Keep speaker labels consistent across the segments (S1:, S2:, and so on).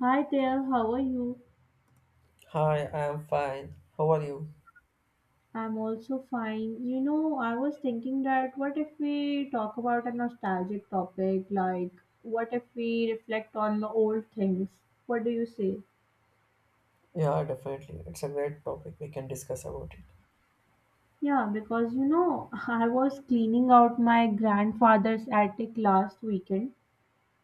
S1: Hi there, how are you?
S2: Hi, I'm fine. How are you?
S1: I'm also fine. You know, I was thinking that what if we talk about a nostalgic topic, like what if we reflect on the old things? What do you say?
S2: Yeah, definitely. It's a great topic. We can discuss about it.
S1: Yeah, because you know, I was cleaning out my grandfather's attic last weekend.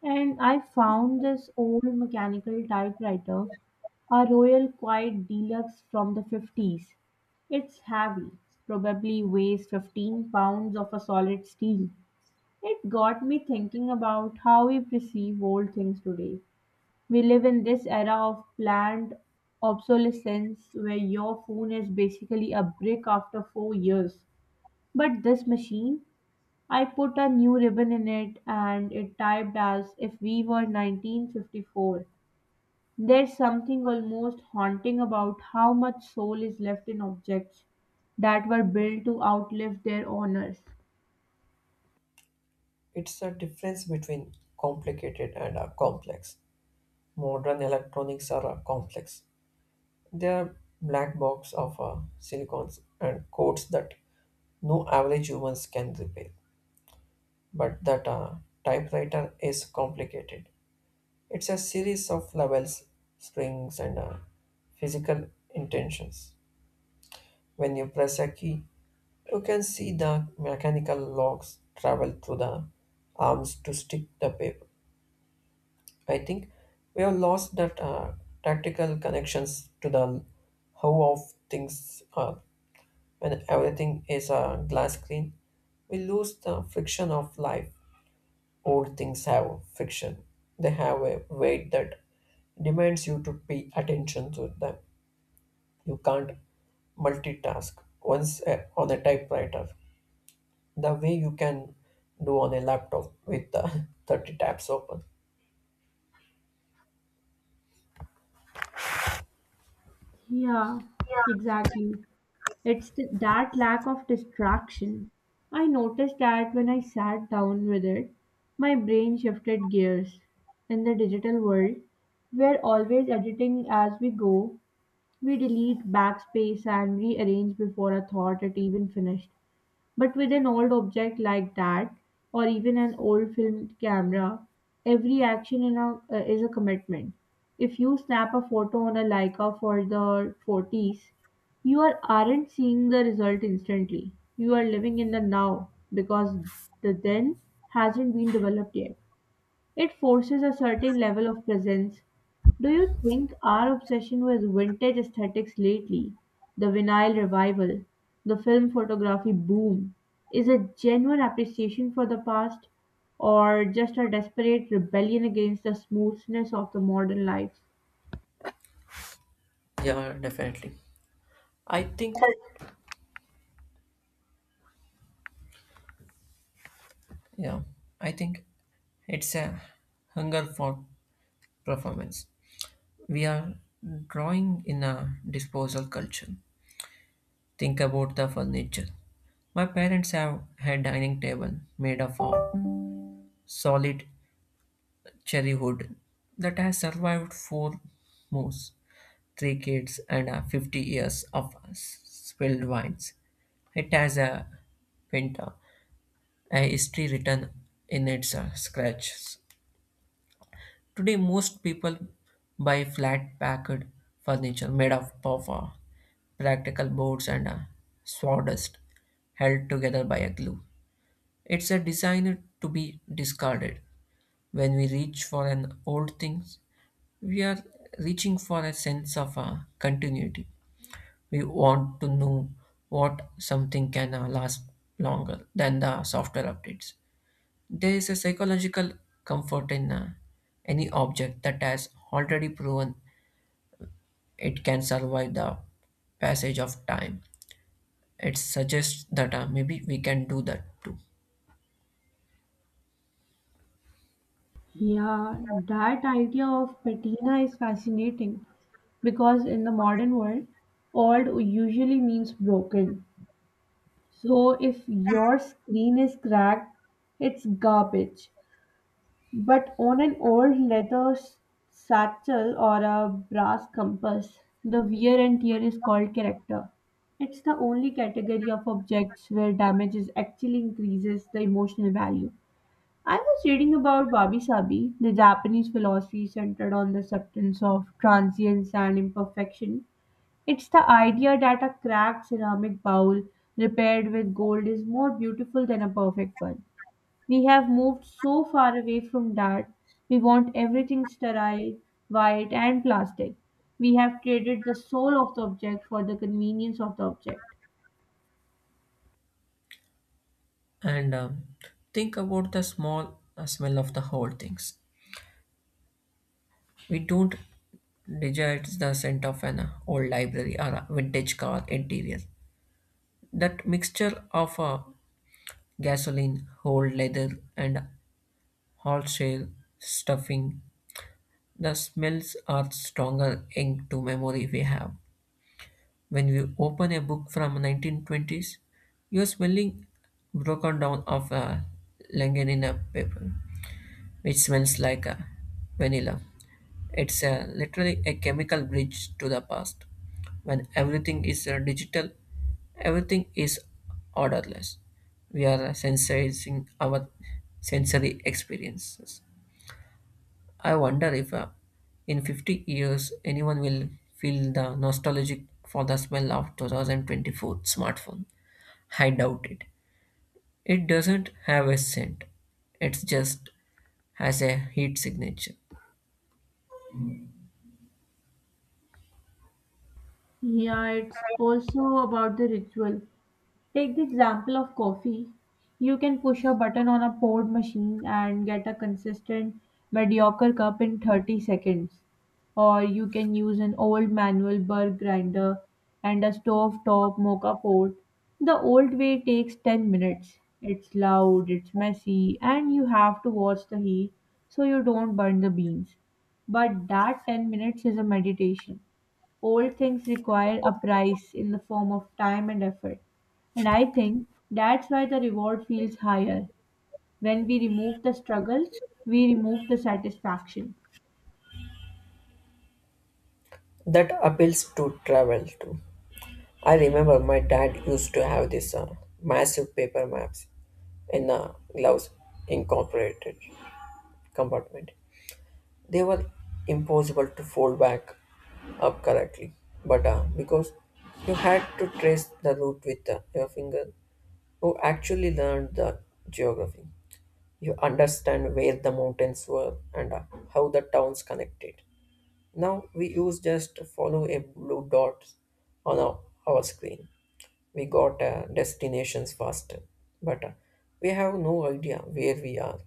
S1: And I found this old mechanical typewriter, a Royal Quiet Deluxe from the 50s. It's heavy, probably weighs 15 pounds of a solid steel. It got me thinking about how we perceive old things today. We live in this era of planned obsolescence where your phone is basically a brick after 4 years. But this machine, I put a new ribbon in it and it typed as if we were 1954. There's something almost haunting about how much soul is left in objects that were built to outlive their owners.
S2: It's the difference between complicated and complex. Modern electronics are complex. They are black box of silicons and codes that no average humans can repair. But that typewriter is complicated. It's a series of levels, springs, and physical intentions. When you press a key, you can see the mechanical logs travel through the arms to stick the paper. I think we have lost that tactical connections to the how of things are. When everything is a glass screen, we lose the friction of life. Old things have friction. They have a weight that demands you to pay attention to them. You can't multitask once on a typewriter, the way you can do on a laptop with 30 tabs open.
S1: Yeah, exactly. It's that lack of distraction. I noticed that when I sat down with it, my brain shifted gears. In the digital world, we're always editing as we go. We delete, backspace, and rearrange before a thought is even finished. But with an old object like that, or even an old film camera, every action in a, is a commitment. If you snap a photo on a Leica for the 40s, you are, aren't seeing the result instantly. You are living in the now because the then hasn't been developed yet. It forces a certain level of presence. Do you think our obsession with vintage aesthetics lately, the vinyl revival, the film photography boom, is a genuine appreciation for the past or just a desperate rebellion against the smoothness of the modern life?
S2: Yeah, definitely. I think, yeah, I think it's a hunger for performance. We are drawing in a disposal culture. Think about the furniture. My parents have had dining table made of a solid cherry wood that has survived four moves, three kids, and 50 years of spilled wines. It has a Pinta, a history written in its scratches. Today, most people buy flat packed furniture made of puffer, practical boards, and sawdust held together by a glue. It's a design to be discarded. When we reach for an old thing, we are reaching for a sense of continuity. We want to know what something can last longer than the software updates. There is a psychological comfort in any object that has already proven it can survive the passage of time. It suggests that maybe we can do that too.
S1: Yeah, that idea of patina is fascinating because in the modern world, old usually means broken. So if your screen is cracked, it's garbage. But on an old leather satchel or a brass compass, the wear and tear is called character. It's the only category of objects where damage is actually increases the emotional value. I was reading about Wabi Sabi, the Japanese philosophy centered on the acceptance of transience and imperfection. It's the idea that a cracked ceramic bowl repaired with gold is more beautiful than a perfect one. We have moved so far away from that. We want everything sterile, white, and plastic. We have traded the soul of the object for the convenience of the object.
S2: And think about the small smell of the old things. We don't desire the scent of an old library or a vintage car interior. That mixture of gasoline, old leather, and horsehair stuffing. The smells are stronger ink to memory we have. When you open a book from 1920s, you're smelling broken down of a Langenina paper, which smells like a vanilla. It's a, literally a chemical bridge to the past. When everything is digital, everything is orderless. We are sensitizing our sensory experiences. I wonder if in 50 years anyone will feel the nostalgic for the smell of 2024 smartphone. I doubt it. It doesn't have a scent. It just has a heat signature.
S1: Yeah, it's also about the ritual. Take the example of coffee. You can push a button on a poured machine and get a consistent, mediocre cup in 30 seconds. Or you can use an old manual burr grinder and a stove top mocha pot. The old way takes 10 minutes. It's loud, it's messy, and you have to watch the heat so you don't burn the beans. But that 10 minutes is a meditation. Old things require a price in the form of time and effort. And I think that's why the reward feels higher. When we remove the struggle, we remove the satisfaction.
S2: That appeals to travel too. I remember my dad used to have this massive paper maps in a gloves incorporated compartment. They were impossible to fold back up correctly, but because you had to trace the route with your finger, you actually learned the geography. You understand where the mountains were and how the towns connected. Now we use just follow a blue dot on our screen. We got destinations faster, but we have no idea where we are,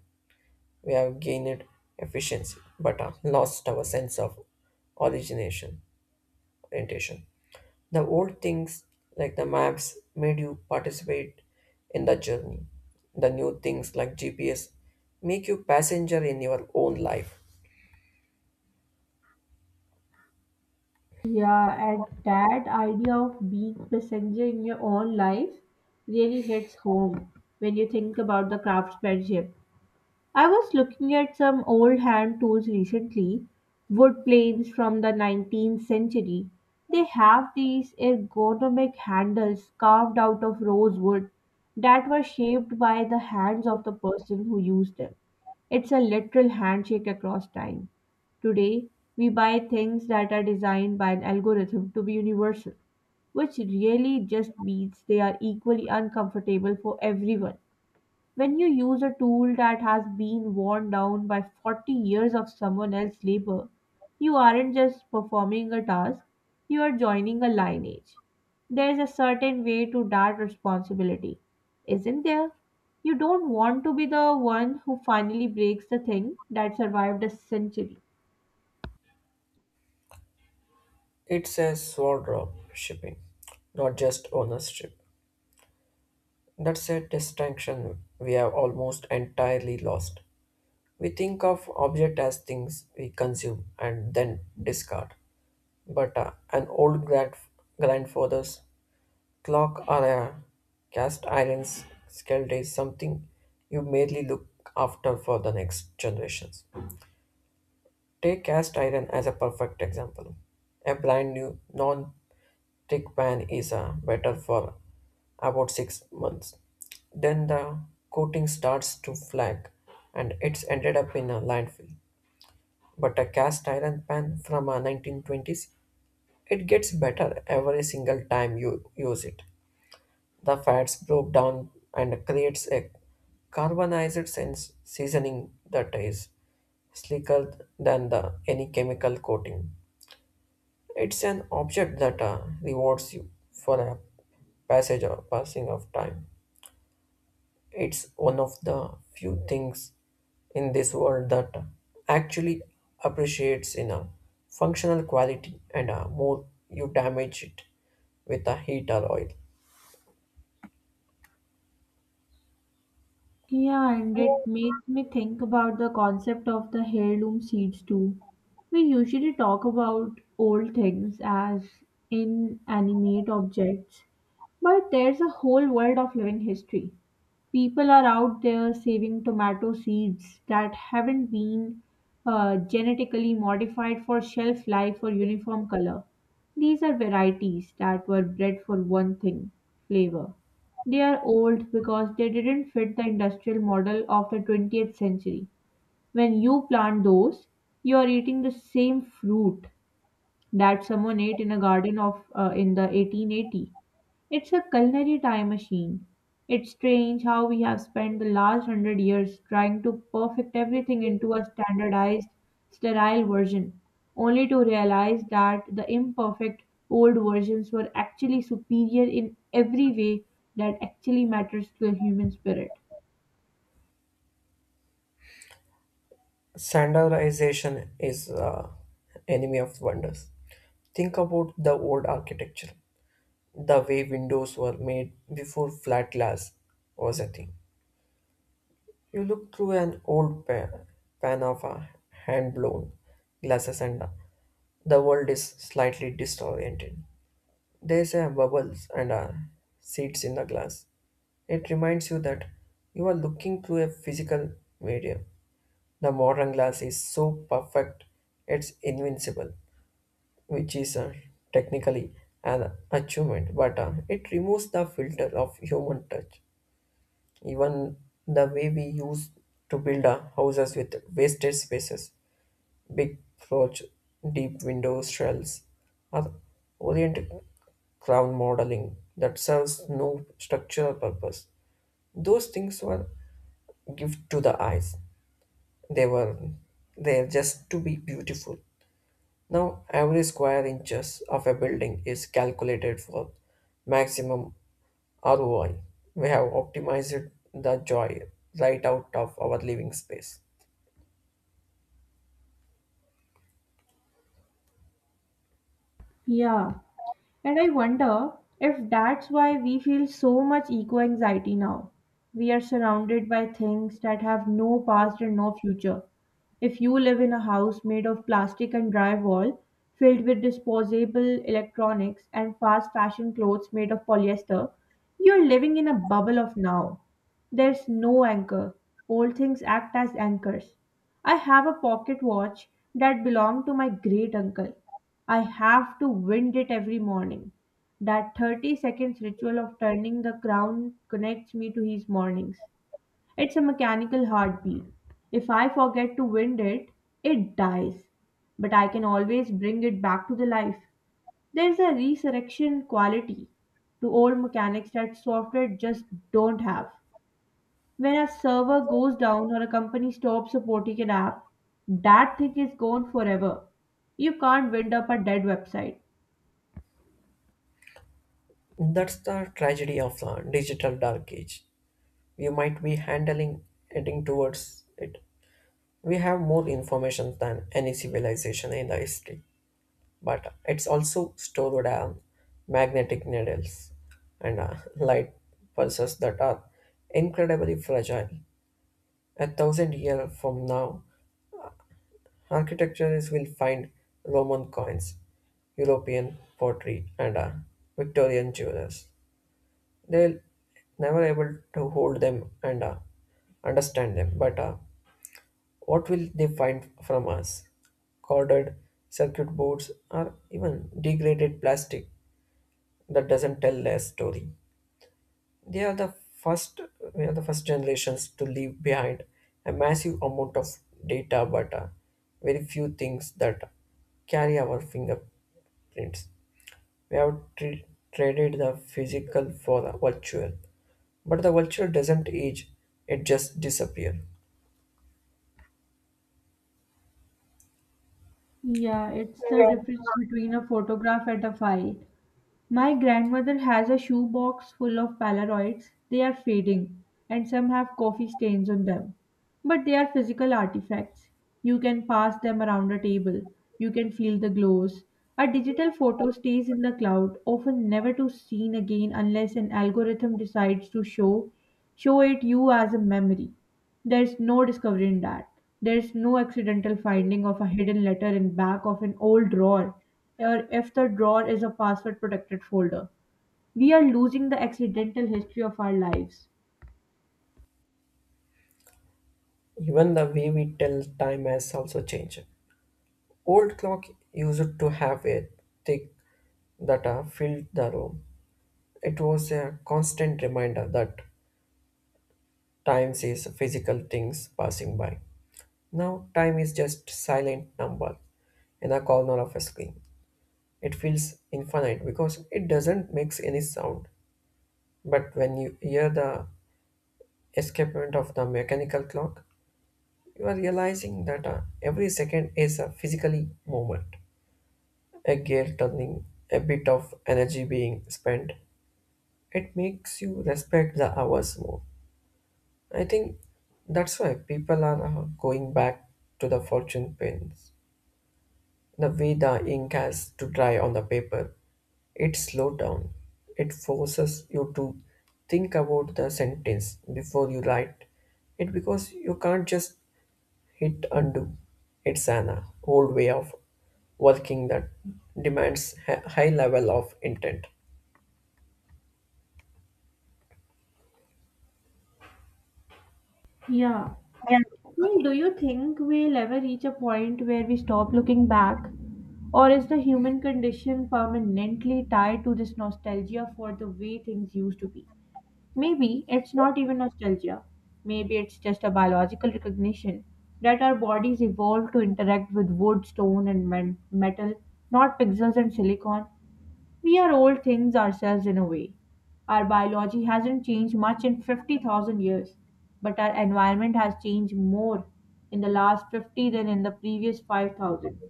S2: we have gained efficiency, but lost our sense of origination, orientation. The old things like the maps made you participate in the journey. The new things like GPS make you passenger in your own life.
S1: Yeah, and that idea of being passenger in your own life really hits home when you think about the craftsmanship. I was looking at some old hand tools recently, wood planes from the 19th century. They have these ergonomic handles carved out of rosewood that were shaped by the hands of the person who used them. It's a literal handshake across time. Today, we buy things that are designed by an algorithm to be universal, which really just means they are equally uncomfortable for everyone. When you use a tool that has been worn down by 40 years of someone else's labor, you aren't just performing a task, you are joining a lineage. There's a certain way to that responsibility, isn't there? You don't want to be the one who finally breaks the thing that survived a century.
S2: It's a sword of shipping, not just ownership. That's a distinction we have almost entirely lost. We think of object as things we consume and then discard, but grandfather's clock or a cast iron skillet is something you merely look after for the next generations. Take cast iron as a perfect example. A brand new non-stick pan is better for about 6 months. Then the coating starts to flag and it's ended up in a landfill. But a cast iron pan from 1920s, it gets better every single time you use it. The fats broke down and creates a carbonized sense seasoning that is slicker than the any chemical coating. It's an object that rewards you for a passage or passing of time. It's one of the few things in this world that actually appreciates in a functional quality and more you damage it with a heat or oil.
S1: Yeah, and it makes me think about the concept of the heirloom seeds too. We usually talk about old things as inanimate objects, but there's a whole world of living history. People are out there saving tomato seeds that haven't been genetically modified for shelf life or uniform color. These are varieties that were bred for one thing, flavor. They are old because they didn't fit the industrial model of the 20th century. When you plant those, you are eating the same fruit that someone ate in a garden of in the 1880. It's a culinary time machine. It's strange how we have spent the last hundred years trying to perfect everything into a standardized, sterile version, only to realize that the imperfect old versions were actually superior in every way that actually matters to the human spirit.
S2: Standardization is enemy of wonders. Think about the old architecture, the way windows were made before flat glass was a thing. You look through an pan of a hand-blown glasses and the world is slightly disoriented. There's a bubbles and a seeds in the glass. It reminds you that you are looking through a physical medium. The modern glass is so perfect, it's invincible, which is technically an achievement, but it removes the filter of human touch. Even the way we used to build our houses with wasted spaces, big porch, deep window shells, or orient crown modeling that serves no structural purpose. Those things were gift to the eyes. They were there just to be beautiful. Now every square inches of a building is calculated for maximum ROI. We have optimized the joy right out of our living space.
S1: Yeah. And I wonder if that's why we feel so much eco anxiety now. We are surrounded by things that have no past and no future. If you live in a house made of plastic and drywall, filled with disposable electronics and fast fashion clothes made of polyester, you're living in a bubble of now. There's no anchor. Old things act as anchors. I have a pocket watch that belonged to my great uncle. I have to wind it every morning. That 30 seconds ritual of turning the crown connects me to his mornings. It's a mechanical heartbeat. If I forget to wind it, it dies. But I can always bring it back to the life. There's a resurrection quality to old mechanics that software just don't have. When a server goes down or a company stops supporting an app, that thing is gone forever. You can't wind up a dead website.
S2: That's the tragedy of the digital dark age. We might be handling heading towards it. We have more information than any civilization in the history, but it's also stored on magnetic needles and light pulses that are incredibly fragile. A thousand years from now, architectures will find Roman coins, European pottery, and Victorian jewelers. They will never able to hold them and understand them. But what will they find from us? Corded circuit boards or even degraded plastic that doesn't tell their story. They are the first we are the first generations to leave behind a massive amount of data but very few things that carry our fingerprints. We have tre- traded the physical for the virtual. But the virtual doesn't age, it just disappears.
S1: Yeah, it's the difference between a photograph and a file. My grandmother has a shoebox full of Polaroids. They are fading, and some have coffee stains on them. But they are physical artifacts. You can pass them around a table. You can feel the glows. A digital photo stays in the cloud, often never to seen again unless an algorithm decides to show it you as a memory. There's no discovery in that. There's no accidental finding of a hidden letter in back of an old drawer, or if the drawer is a password protected folder. We are losing the accidental history of our lives.
S2: Even the way we tell time has also changed. Old clock used to have a thick that filled the room. It was a constant reminder that time is physical things passing by. Now time is just silent number in a corner of a screen. It feels infinite because it doesn't make any sound. But when you hear the escapement of the mechanical clock, you are realizing that every second is a physically moment, a gear turning, a bit of energy being spent. It makes you respect the hours more. I think that's why people are going back to the fortune pins. The way the ink has to dry on the paper, it slows down. It forces you to think about the sentence before you write it because you can't just hit undo. It's an old way of working that demands a high level of intent.
S1: Yeah. Well, do you think we'll ever reach a point where we stop looking back? Or is the human condition permanently tied to this nostalgia for the way things used to be? Maybe it's not even nostalgia. Maybe it's just a biological recognition that our bodies evolved to interact with wood, stone, and metal, not pixels and silicon. We are old things ourselves in a way. Our biology hasn't changed much in 50,000 years, but our environment has changed more in the last 50 than in the previous 5,000.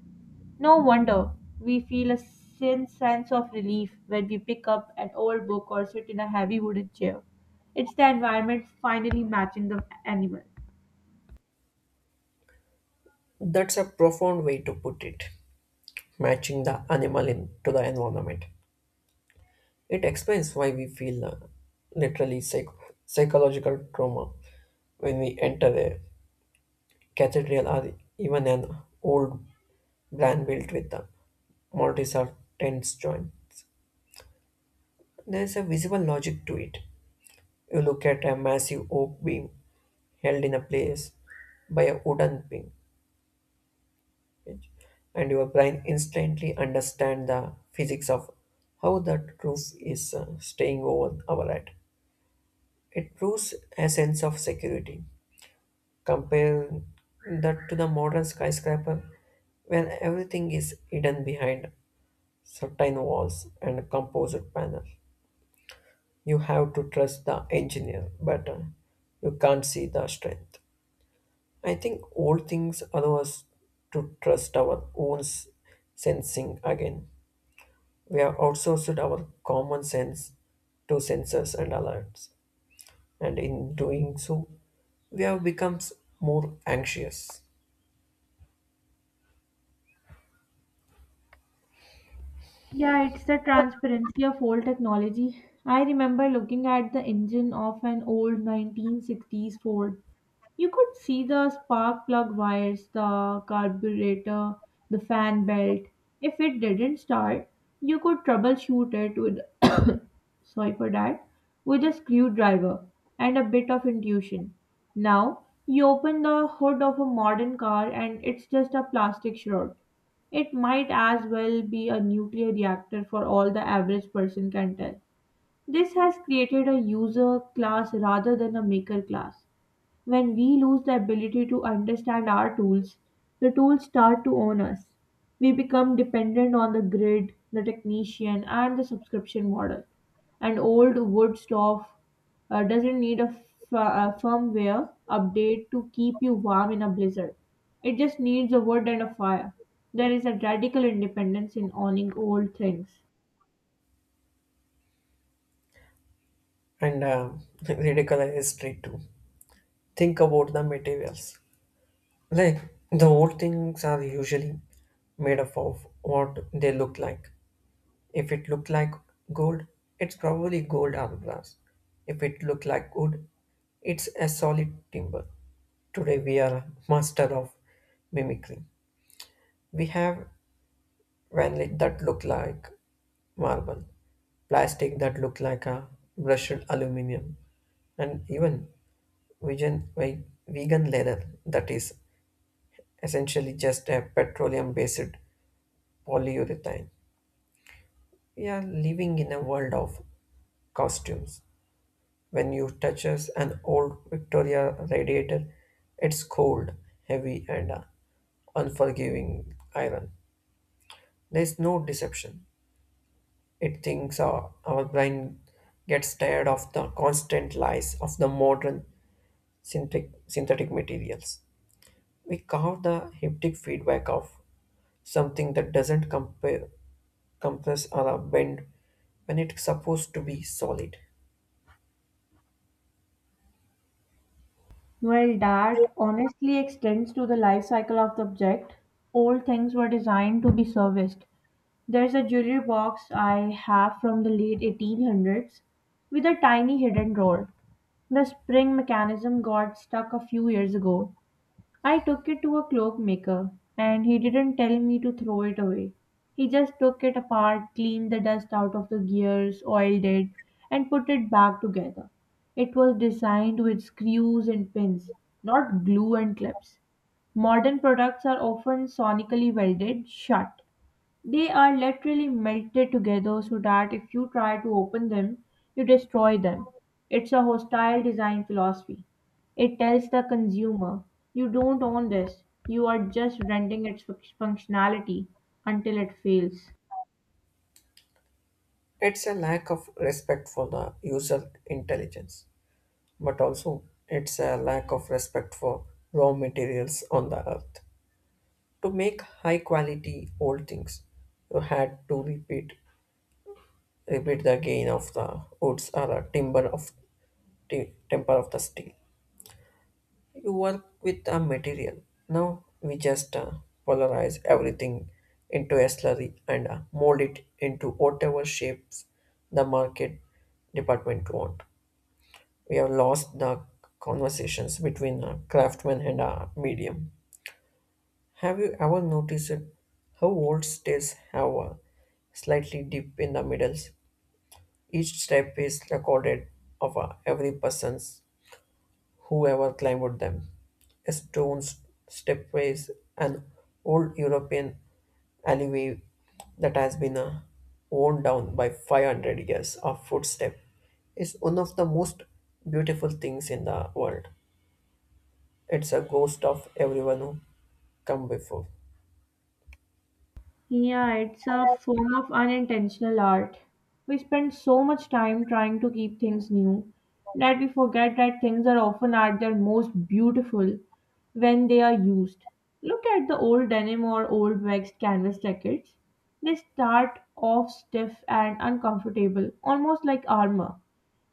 S1: No wonder we feel a sin sense of relief when we pick up an old book or sit in a heavy wooden chair. It's the environment finally matching the animal.
S2: That's a profound way to put it, matching the animal in, to the environment. It explains why we feel literally psychological trauma when we enter a cathedral or even an old barn built with the mortise or tens joints. There is a visible logic to it. You look at a massive oak beam held in a place by a wooden pin, and your brain instantly understands the physics of how that roof is staying over our head. It proves a sense of security. Compare that to the modern skyscraper, where everything is hidden behind certain walls and a composite panel. You have to trust the engineer, but you can't see the strength. I think old things allow us to trust our own sensing again. We have outsourced our common sense to sensors and alerts, and in doing so, we have become more anxious
S1: Yeah, it's the transparency of old technology. I remember looking at the engine of an old 1960s Ford. You could see the spark plug wires, the carburetor, the fan belt. If it didn't start, you could troubleshoot it with sorry for that, with a screwdriver and a bit of intuition. Now, you open the hood of a modern car and it's just a plastic shroud. It might as well be a nuclear reactor for all the average person can tell. This has created a user class rather than a maker class. When we lose the ability to understand our tools, the tools start to own us. We become dependent on the grid, the technician, and the subscription model. And old wood stove doesn't need a, a firmware update to keep you warm in a blizzard. It just needs a wood and a fire. There is a radical independence in owning old things.
S2: and ridiculous history too. Think about the materials. Like the old things are usually made up of what they look like. If it looked like gold, it's probably gold or brass. If it looked like wood, it's a solid timber. Today we are master of mimicry. We have vanillite that look like marble, plastic that look like a brushed aluminum, and even vegan leather that is essentially just a petroleum based polyurethane. We are living in a world of costumes. When you touches an old Victoria radiator, it's cold, heavy, and unforgiving iron. There's no deception. It thinks our brain gets tired of the constant lies of the modern synthetic materials. We carve the haptic feedback of something that doesn't compress or a bend when it's supposed to be solid.
S1: Well, that honestly extends to the life cycle of the object. Old things were designed to be serviced. There's a jewelry box I have from the late 1800s with a tiny hidden drawer. The spring mechanism got stuck a few years ago. I took it to a cloak maker and he didn't tell me to throw it away. He just took it apart, cleaned the dust out of the gears, oiled it, and put it back together. It was designed with screws and pins, not glue and clips. Modern products are often sonically welded shut. They are literally melted together so that if you try to open them, you destroy them. It's a hostile design philosophy. It tells the consumer, you don't own this, you are just renting its functionality until it fails.
S2: It's a lack of respect for the user intelligence, but also it's a lack of respect for raw materials on the earth. To make high quality old things, you had to repeat the gain of the woods or the timber of temper of the steel. You work with a material. Now we just polarize everything into a slurry and mold it into whatever shapes the market department want. We have lost the conversations between a craftsman and a medium. Have you ever noticed how old states have a slightly dip in the middles? Each step is recorded of every person's whoever climbed them. Stone stepways, an old European alleyway that has been worn down by 500 years of footstep, is one of the most beautiful things in the world. It's a ghost of everyone who come before.
S1: Yeah, it's a form of unintentional art. We spend so much time trying to keep things new that we forget that things are often at their most beautiful when they are used. Look at the old denim or old waxed canvas jackets. They start off stiff and uncomfortable, almost like armor.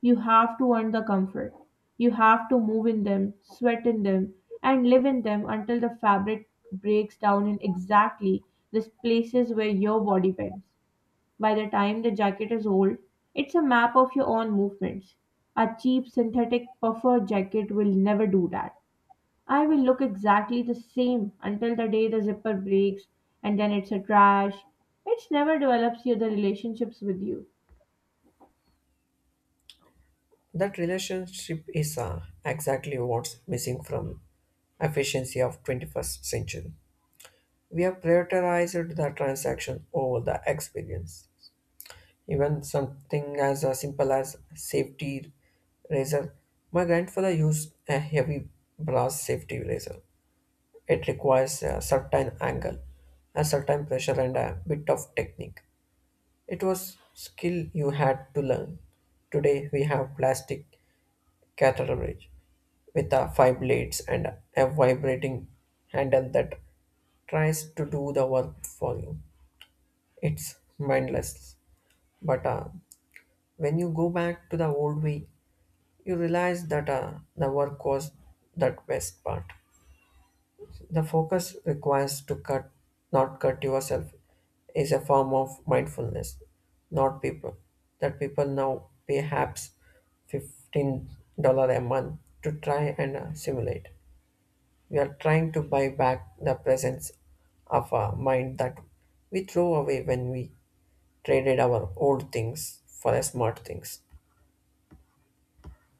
S1: You have to earn the comfort. You have to move in them, sweat in them, and live in them until the fabric breaks down in exactly the places where your body bends. By the time the jacket is old, it's a map of your own movements. A cheap synthetic puffer jacket will never do that. I will look exactly the same until the day the zipper breaks and then it's a trash. It never develops you the relationships with you.
S2: That relationship is exactly what's missing from efficiency of 21st century. We have prioritized the transaction over the experience. Even something as simple as safety razor. My grandfather used a heavy brass safety razor. It requires a certain angle, a certain pressure, and a bit of technique. It was skill you had to learn. Today we have plastic cartridge with five blades and a vibrating handle that tries to do the work for you. It's mindless. But when you go back to the old way, you realize that the work was that best part. The focus requires to cut, not cut yourself, is a form of mindfulness, not people. That people now pay perhaps $15 a month to try and simulate. We are trying to buy back the presence of a mind that we throw away when we traded our old things for the smart things.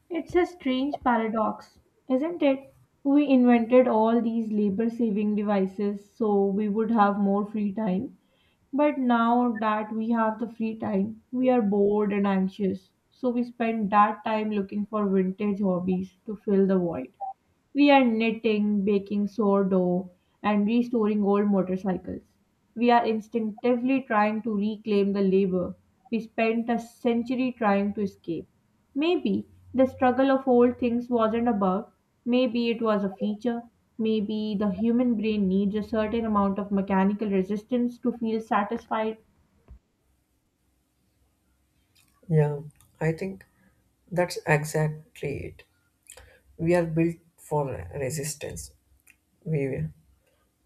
S1: It's a strange paradox, isn't it? We invented all these labor saving devices so we would have more free time. But now that we have the free time, we are bored and anxious. So we spend that time looking for vintage hobbies to fill the void. We are knitting, baking sourdough, and restoring old motorcycles. We are instinctively trying to reclaim the labor we spent a century trying to escape. Maybe the struggle of old things wasn't a bug, maybe it was a feature. Maybe the human brain needs a certain amount of mechanical resistance to feel satisfied.
S2: Yeah, I think that's exactly it. We are built for resistance. We,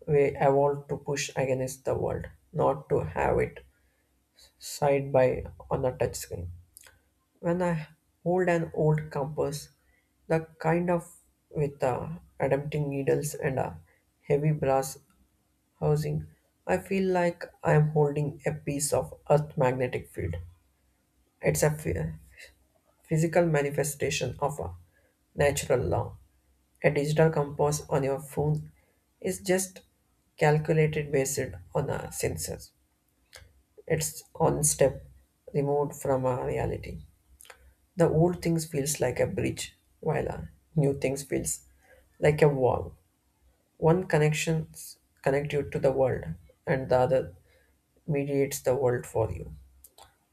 S2: we evolved to push against the world, not to have it side by on a touch screen. When I hold an old compass, the kind of with adapting needles and a heavy brass housing, I feel like I am holding a piece of Earth magnetic field. It's a physical manifestation of a natural law. A digital compass on your phone is just calculated based on a sensors. It's one step removed from our reality. The old things feels like a bridge, while a new things feels like a wall. One connections connect you to the world, and the other mediates the world for you.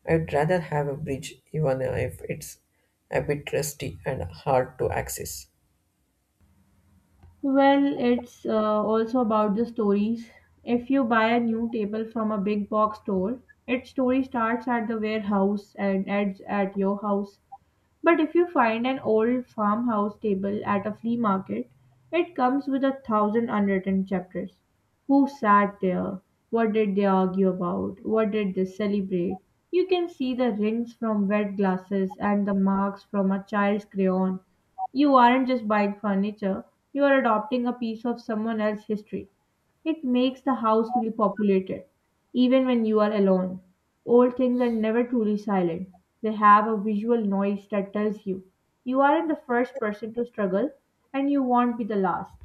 S2: I'd rather have a bridge, even if it's a bit rusty and hard to access.
S1: Well, it's also about the stories. If you buy a new table from a big box store, its story starts at the warehouse and ends at your house. But if you find an old farmhouse table at a flea market, it comes with a thousand unwritten chapters. Who sat there? What did they argue about? What did they celebrate? You can see the rings from wet glasses and the marks from a child's crayon. You aren't just buying furniture, you are adopting a piece of someone else's history. It makes the house feel populated. Even when you are alone, old things are never truly silent. They have a visual noise that tells you you aren't the first person to struggle and you won't be the last.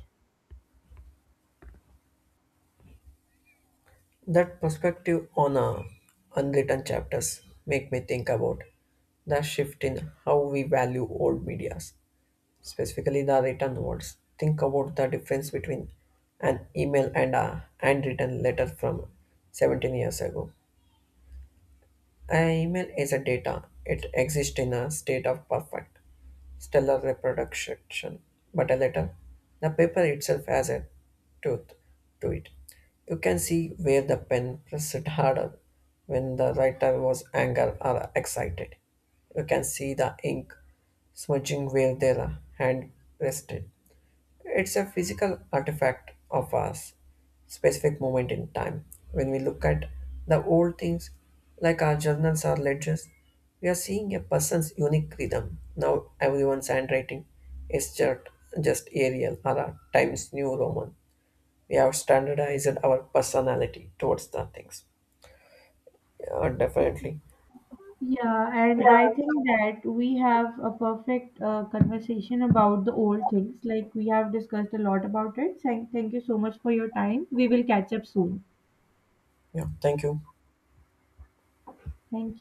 S2: That perspective on unwritten chapters make me think about the shift in how we value old medias, specifically the written words. Think about the difference between an email and a handwritten letter from 17 years ago. An email is a data, it exists in a state of perfect stellar reproduction, but a letter. The paper itself has a tooth to it. You can see where the pen pressed harder when the writer was angry or excited. You can see the ink smudging where their hand rested. It's a physical artifact of a specific moment in time. When we look at the old things, like our journals or ledgers, we are seeing a person's unique rhythm. Now everyone's handwriting is just Arial or a Times New Roman. We have standardized our personality towards the things. Yeah, definitely.
S1: Yeah, and I think that we have a perfect conversation about the old things. Like we have discussed a lot about it. Thank you so much for your time. We will catch up soon.
S2: Yeah, thank you.
S1: Thank you.